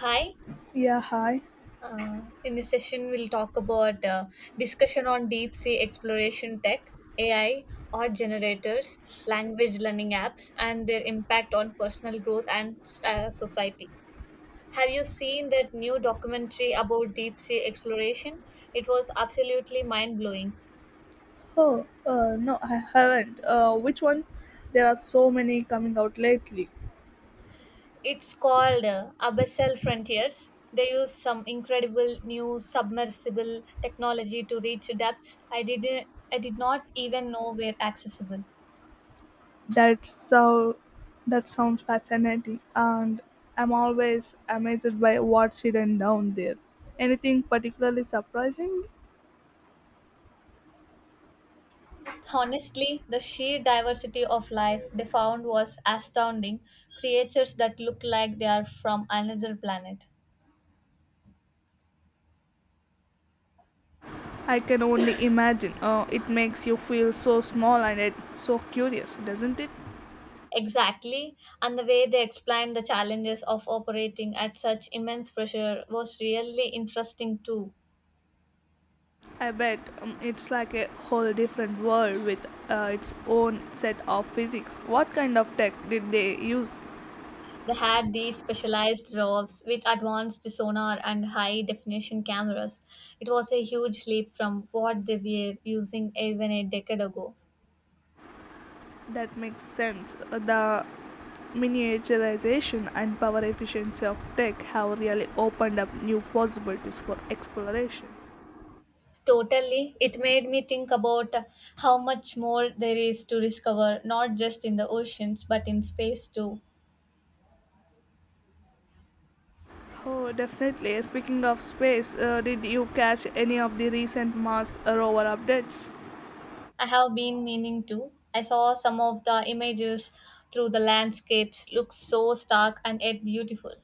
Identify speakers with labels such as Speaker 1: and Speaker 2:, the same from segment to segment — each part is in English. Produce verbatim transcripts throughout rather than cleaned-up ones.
Speaker 1: Hi.
Speaker 2: Yeah, hi.
Speaker 1: Uh, in this session, we'll talk about uh, discussion on deep sea exploration tech, A I, art generators, language learning apps, and their impact on personal growth and uh, society. Have you seen that new documentary about deep sea exploration? It was absolutely mind blowing.
Speaker 2: Oh, uh, no, I haven't. Uh, which one? There are so many coming out lately.
Speaker 1: It's called uh, Abyssal Frontiers. They use some incredible new submersible technology to reach depths I didn't I did not even know were accessible.
Speaker 2: That's so. That sounds fascinating, and I'm always amazed by what's hidden down there. Anything particularly surprising?
Speaker 1: Honestly, the sheer diversity of life they found was astounding. Creatures that look like they are from another planet.
Speaker 2: I can only imagine. Uh, it makes you feel so small and yet so curious, doesn't it?
Speaker 1: Exactly, and the way they explained the challenges of operating at such immense pressure was really interesting too.
Speaker 2: I bet um, it's like a whole different world with uh, its own set of physics. What kind of tech did they use?
Speaker 1: They had these specialized roves with advanced sonar and high definition cameras. It was a huge leap from what they were using even a decade ago.
Speaker 2: That makes sense. The miniaturization and power efficiency of tech have really opened up new possibilities for exploration.
Speaker 1: Totally. It made me think about how much more there is to discover, not just in the oceans, but in space too.
Speaker 2: Oh, definitely. Speaking of space, uh, did you catch any of the recent Mars rover updates?
Speaker 1: I have been meaning to. I saw some of the images through the landscapes look so stark and yet beautiful.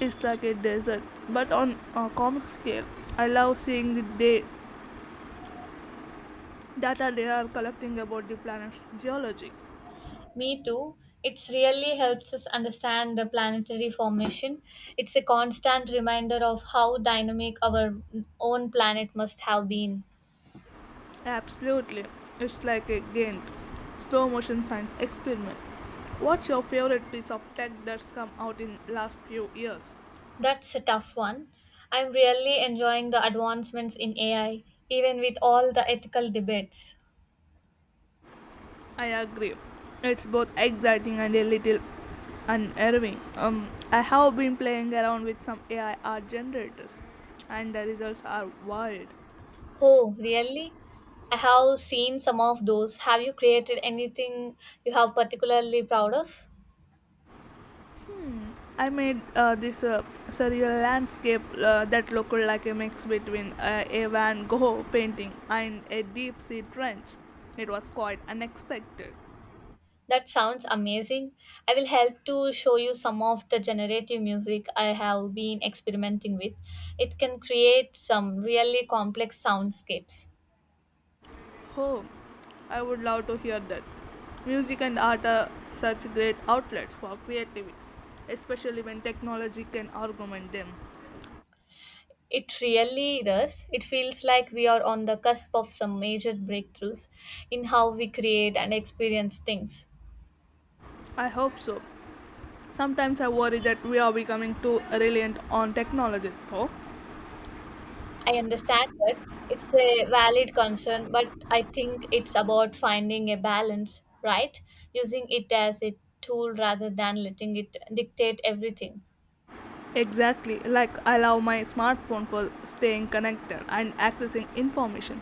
Speaker 2: It's like a desert, but on a comic scale. I love seeing the da- data they are collecting about the planet's geology.
Speaker 1: Me too. It really helps us understand the planetary formation. It's a constant reminder of how dynamic our own planet must have been.
Speaker 2: Absolutely. It's like a game. Slow motion science experiment. What's your favorite piece of tech that's come out in last few years?
Speaker 1: That's a tough one. I'm really enjoying the advancements in A I, even with all the ethical debates.
Speaker 2: I agree. It's both exciting and a little unnerving. Um, I have been playing around with some A I art generators, and the results are wild.
Speaker 1: Oh, really? I have seen some of those. Have you created anything you have particularly proud of?
Speaker 2: I made uh, this uh, surreal landscape uh, that looked like a mix between uh, a Van Gogh painting and a deep sea trench. It was quite unexpected.
Speaker 1: That sounds amazing. I will help to show you some of the generative music I have been experimenting with. It can create some really complex soundscapes.
Speaker 2: Oh, I would love to hear that. Music and art are such great outlets for creativity, especially when technology can augment them.
Speaker 1: It really does. It feels like we are on the cusp of some major breakthroughs in how we create and experience things.
Speaker 2: I hope so. Sometimes I worry that we are becoming too reliant on technology, though.
Speaker 1: I understand that it's a valid concern, but I think it's about finding a balance, right? Using it as a tool rather than letting it dictate everything.
Speaker 2: Exactly, like I love my smartphone for staying connected and accessing information,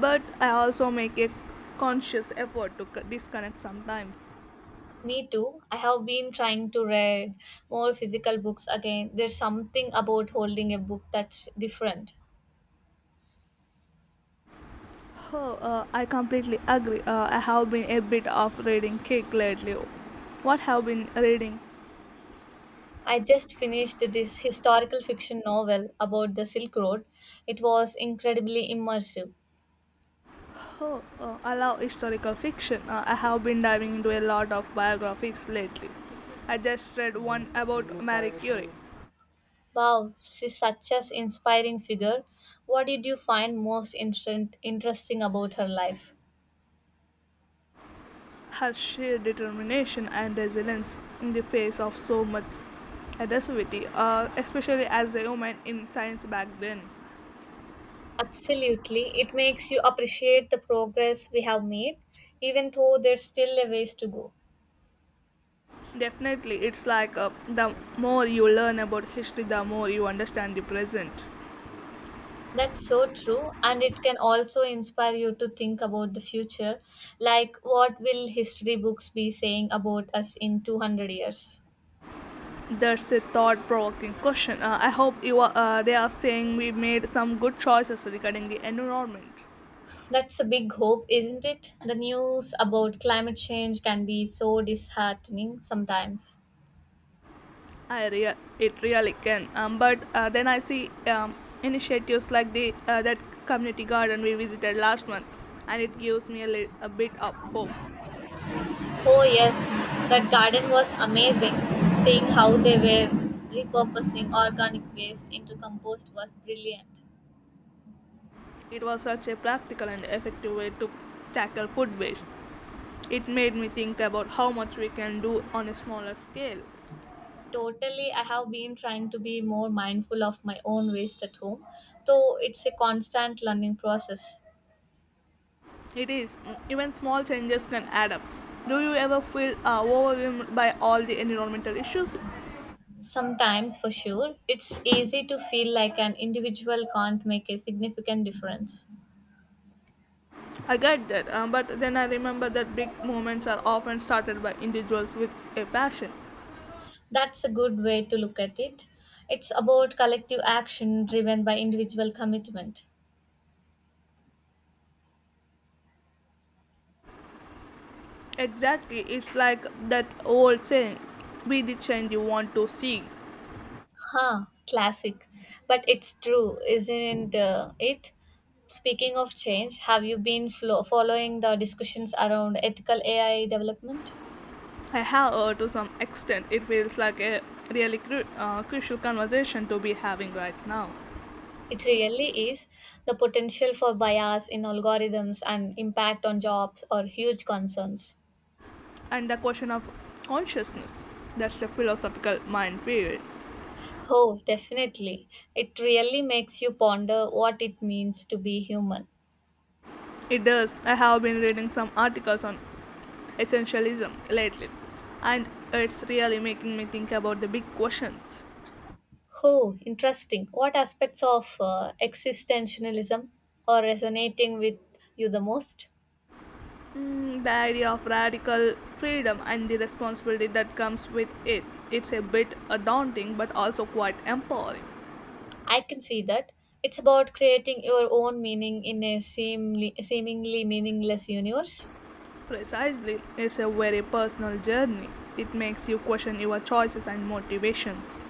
Speaker 2: but I also make a conscious effort to c- disconnect sometimes.
Speaker 1: Me too. I have been trying to read more physical books again. There's something about holding a book that's different.
Speaker 2: Oh, uh, I completely agree. Uh, I have been a bit of reading kick lately. What have been reading?
Speaker 1: I just finished this historical fiction novel about the Silk Road. It was incredibly immersive.
Speaker 2: Oh, uh, I love historical fiction. Uh, I have been diving into a lot of biographies lately. I just read one about Marie Curie.
Speaker 1: Wow, she's such an inspiring figure. What did you find most interesting interesting about her life?
Speaker 2: Her sheer determination and resilience in the face of so much adversity, uh, especially as a woman in science back then.
Speaker 1: Absolutely. It makes you appreciate the progress we have made, even though there's still a ways to go.
Speaker 2: Definitely, it's like uh, the more you learn about history, the more you understand the present.
Speaker 1: That's so true. And it can also inspire you to think about the future. Like, what will history books be saying about us in two hundred years?
Speaker 2: That's a thought-provoking question. Uh, I hope you are, uh, they are saying we made some good choices regarding the environment.
Speaker 1: That's a big hope, isn't it? The news about climate change can be so disheartening sometimes.
Speaker 2: I rea- it really can. Um, but uh, then I see um, initiatives like the uh, that community garden we visited last month, and it gives me a, li- a bit of hope.
Speaker 1: Oh, yes, that garden was amazing. Seeing how they were repurposing organic waste into compost was brilliant.
Speaker 2: It was such a practical and effective way to tackle food waste. It made me think about how much we can do on a smaller scale.
Speaker 1: Totally, I have been trying to be more mindful of my own waste at home, though it's a constant learning process.
Speaker 2: It is mm, even small changes can add up. Do you ever feel uh, overwhelmed by all the environmental issues?
Speaker 1: Sometimes, for sure, it's easy to feel like an individual can't make a significant difference.
Speaker 2: I get that, uh, but then I remember that big movements are often started by individuals with a passion.
Speaker 1: That's a good way to look at it. It's about collective action driven by individual commitment.
Speaker 2: Exactly, it's like that old saying be the change you want to see.
Speaker 1: Huh, classic. But it's true, isn't uh, it? Speaking of change, have you been flo- following the discussions around ethical A I development?
Speaker 2: I have, uh, to some extent, it feels like a really cru- uh, crucial conversation to be having right now.
Speaker 1: It really is. The potential for bias in algorithms and impact on jobs are huge concerns.
Speaker 2: And the question of consciousness, that's a philosophical minefield.
Speaker 1: Oh, definitely. It really makes you ponder what it means to be human.
Speaker 2: It does. I have been reading some articles on essentialism lately, and it's really making me think about the big questions.
Speaker 1: Oh, interesting. What aspects of uh, existentialism are resonating with you the most?
Speaker 2: Mm, the idea of radical freedom and the responsibility that comes with it. It's a bit uh, daunting but also quite empowering.
Speaker 1: I can see that. It's about creating your own meaning in a seemly, seemingly meaningless universe.
Speaker 2: Precisely, it's a very personal journey. It makes you question your choices and motivations.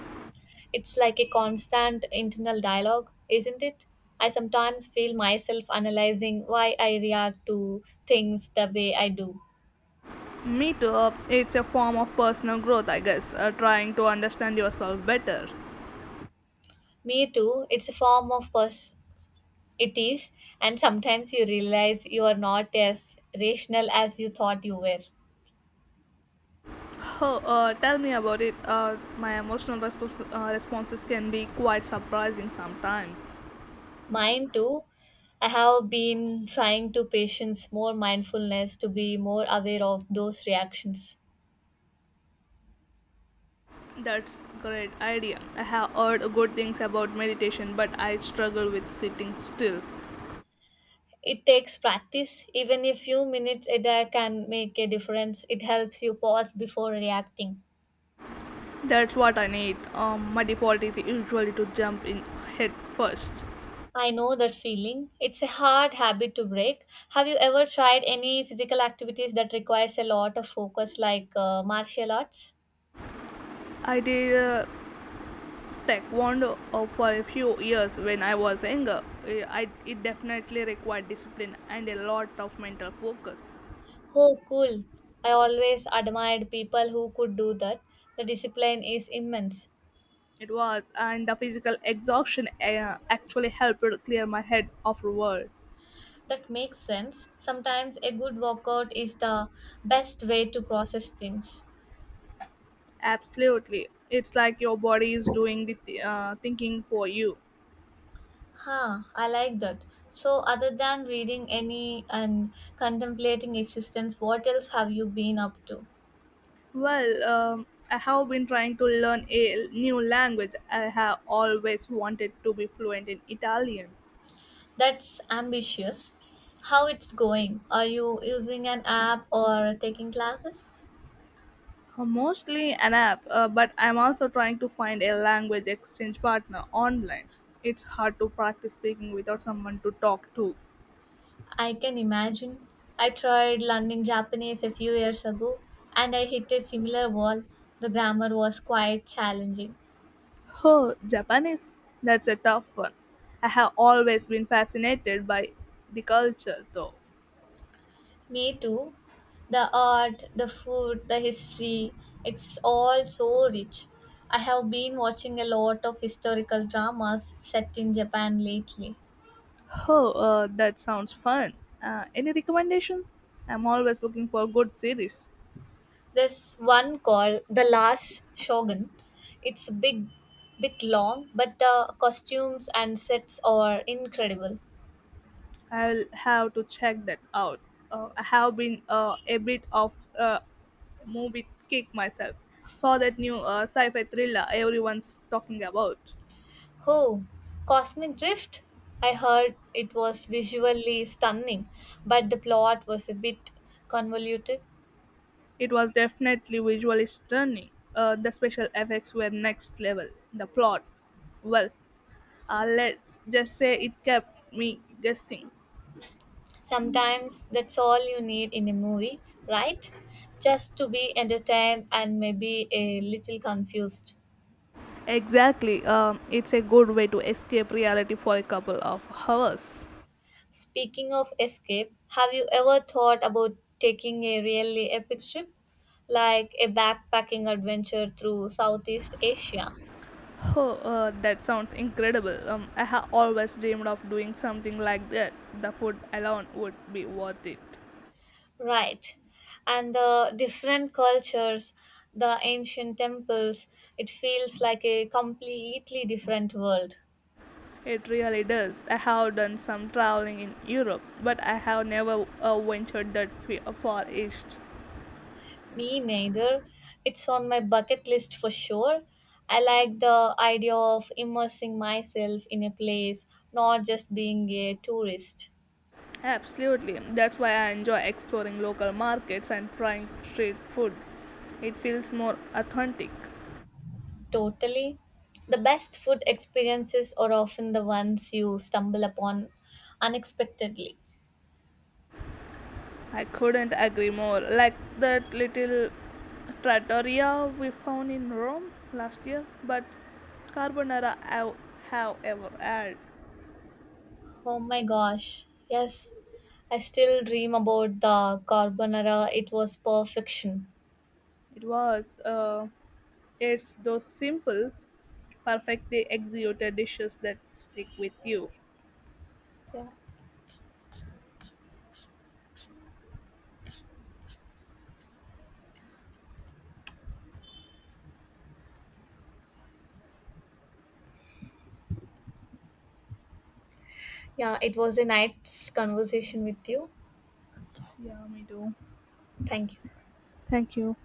Speaker 1: It's like a constant internal dialogue, isn't it? I sometimes feel myself analyzing why I react to things the way I do.
Speaker 2: Me too, uh, it's a form of personal growth, I guess, uh, trying to understand yourself better.
Speaker 1: Me too, it's a form of pers- It is, and sometimes you realize you are not as rational as you thought you were.
Speaker 2: Oh, uh, tell me about it. Uh, my emotional respons- uh, responses can be quite surprising sometimes.
Speaker 1: Mine too. I have been trying to patience more mindfulness to be more aware of those reactions.
Speaker 2: That's great idea. I have heard good things about meditation, but I struggle with sitting still.
Speaker 1: It takes practice, even a few minutes a day can make a difference. It helps you pause before reacting.
Speaker 2: That's what I need. Um, my default is usually to jump in head first.
Speaker 1: I know that feeling. It's a hard habit to break. Have you ever tried any physical activities that requires a lot of focus, like uh, martial arts?
Speaker 2: I did uh, taekwondo uh, for a few years when I was younger. Uh, I, it definitely required discipline and a lot of mental focus.
Speaker 1: Oh, cool. I always admired people who could do that. The discipline is immense.
Speaker 2: It was, and the physical exhaustion uh, actually helped clear my head afterward.
Speaker 1: That makes sense. Sometimes a good workout is the best way to process things.
Speaker 2: Absolutely. It's like your body is doing the th- uh, thinking for you.
Speaker 1: Huh, I like that. So, other than reading any and contemplating existence, what else have you been up to?
Speaker 2: Well, um, I have been trying to learn a new language. I have always wanted to be fluent in Italian.
Speaker 1: That's ambitious. How it's going? Are you using an app or taking classes?
Speaker 2: Uh, mostly an app, uh, but I'm also trying to find a language exchange partner online. It's hard to practice speaking without someone to talk to.
Speaker 1: I can imagine. I tried learning Japanese a few years ago and I hit a similar wall. The grammar was quite challenging.
Speaker 2: Oh, Japanese? That's a tough one. I have always been fascinated by the culture, though.
Speaker 1: Me too. The art, the food, the history, it's all so rich. I have been watching a lot of historical dramas set in Japan lately.
Speaker 2: Oh, uh, that sounds fun. Uh, any recommendations? I'm always looking for good series.
Speaker 1: There's one called The Last Shogun. It's a big, bit long, but the costumes and sets are incredible.
Speaker 2: I'll have to check that out. Uh, I have been uh, a bit of a movie kick myself. Saw that new uh, sci-fi thriller everyone's talking about.
Speaker 1: Oh, Cosmic Drift? I heard it was visually stunning, but the plot was a bit convoluted.
Speaker 2: It was definitely visually stunning. Uh, the special effects were next level. The plot, well, uh, let's just say it kept me guessing.
Speaker 1: Sometimes that's all you need in a movie, right? Just to be entertained and maybe a little confused.
Speaker 2: Exactly. Um, it's a good way to escape reality for a couple of hours.
Speaker 1: Speaking of escape, have you ever thought about taking a really epic trip? Like a backpacking adventure through Southeast Asia?
Speaker 2: Oh, uh, that sounds incredible. Um, I have always dreamed of doing something like that. The food alone would be worth it.
Speaker 1: Right. And the different cultures, the ancient temples, it feels like a completely different world.
Speaker 2: It really does. I have done some traveling in Europe, but I have never uh, ventured that f- far east.
Speaker 1: Me neither. It's on my bucket list for sure. I like the idea of immersing myself in a place, not just being a tourist.
Speaker 2: Absolutely. That's why I enjoy exploring local markets and trying street food. It feels more authentic.
Speaker 1: Totally. The best food experiences are often the ones you stumble upon unexpectedly.
Speaker 2: I couldn't agree more. Like that little trattoria we found in Rome last year, but carbonara I however, ever had.
Speaker 1: Oh my gosh. Yes, I still dream about the carbonara. It was perfection.
Speaker 2: It was, uh, it's those simple, perfectly executed dishes that stick with you.
Speaker 1: Yeah. Yeah, it was a nice conversation with you.
Speaker 2: Yeah, me too.
Speaker 1: Thank you.
Speaker 2: Thank you.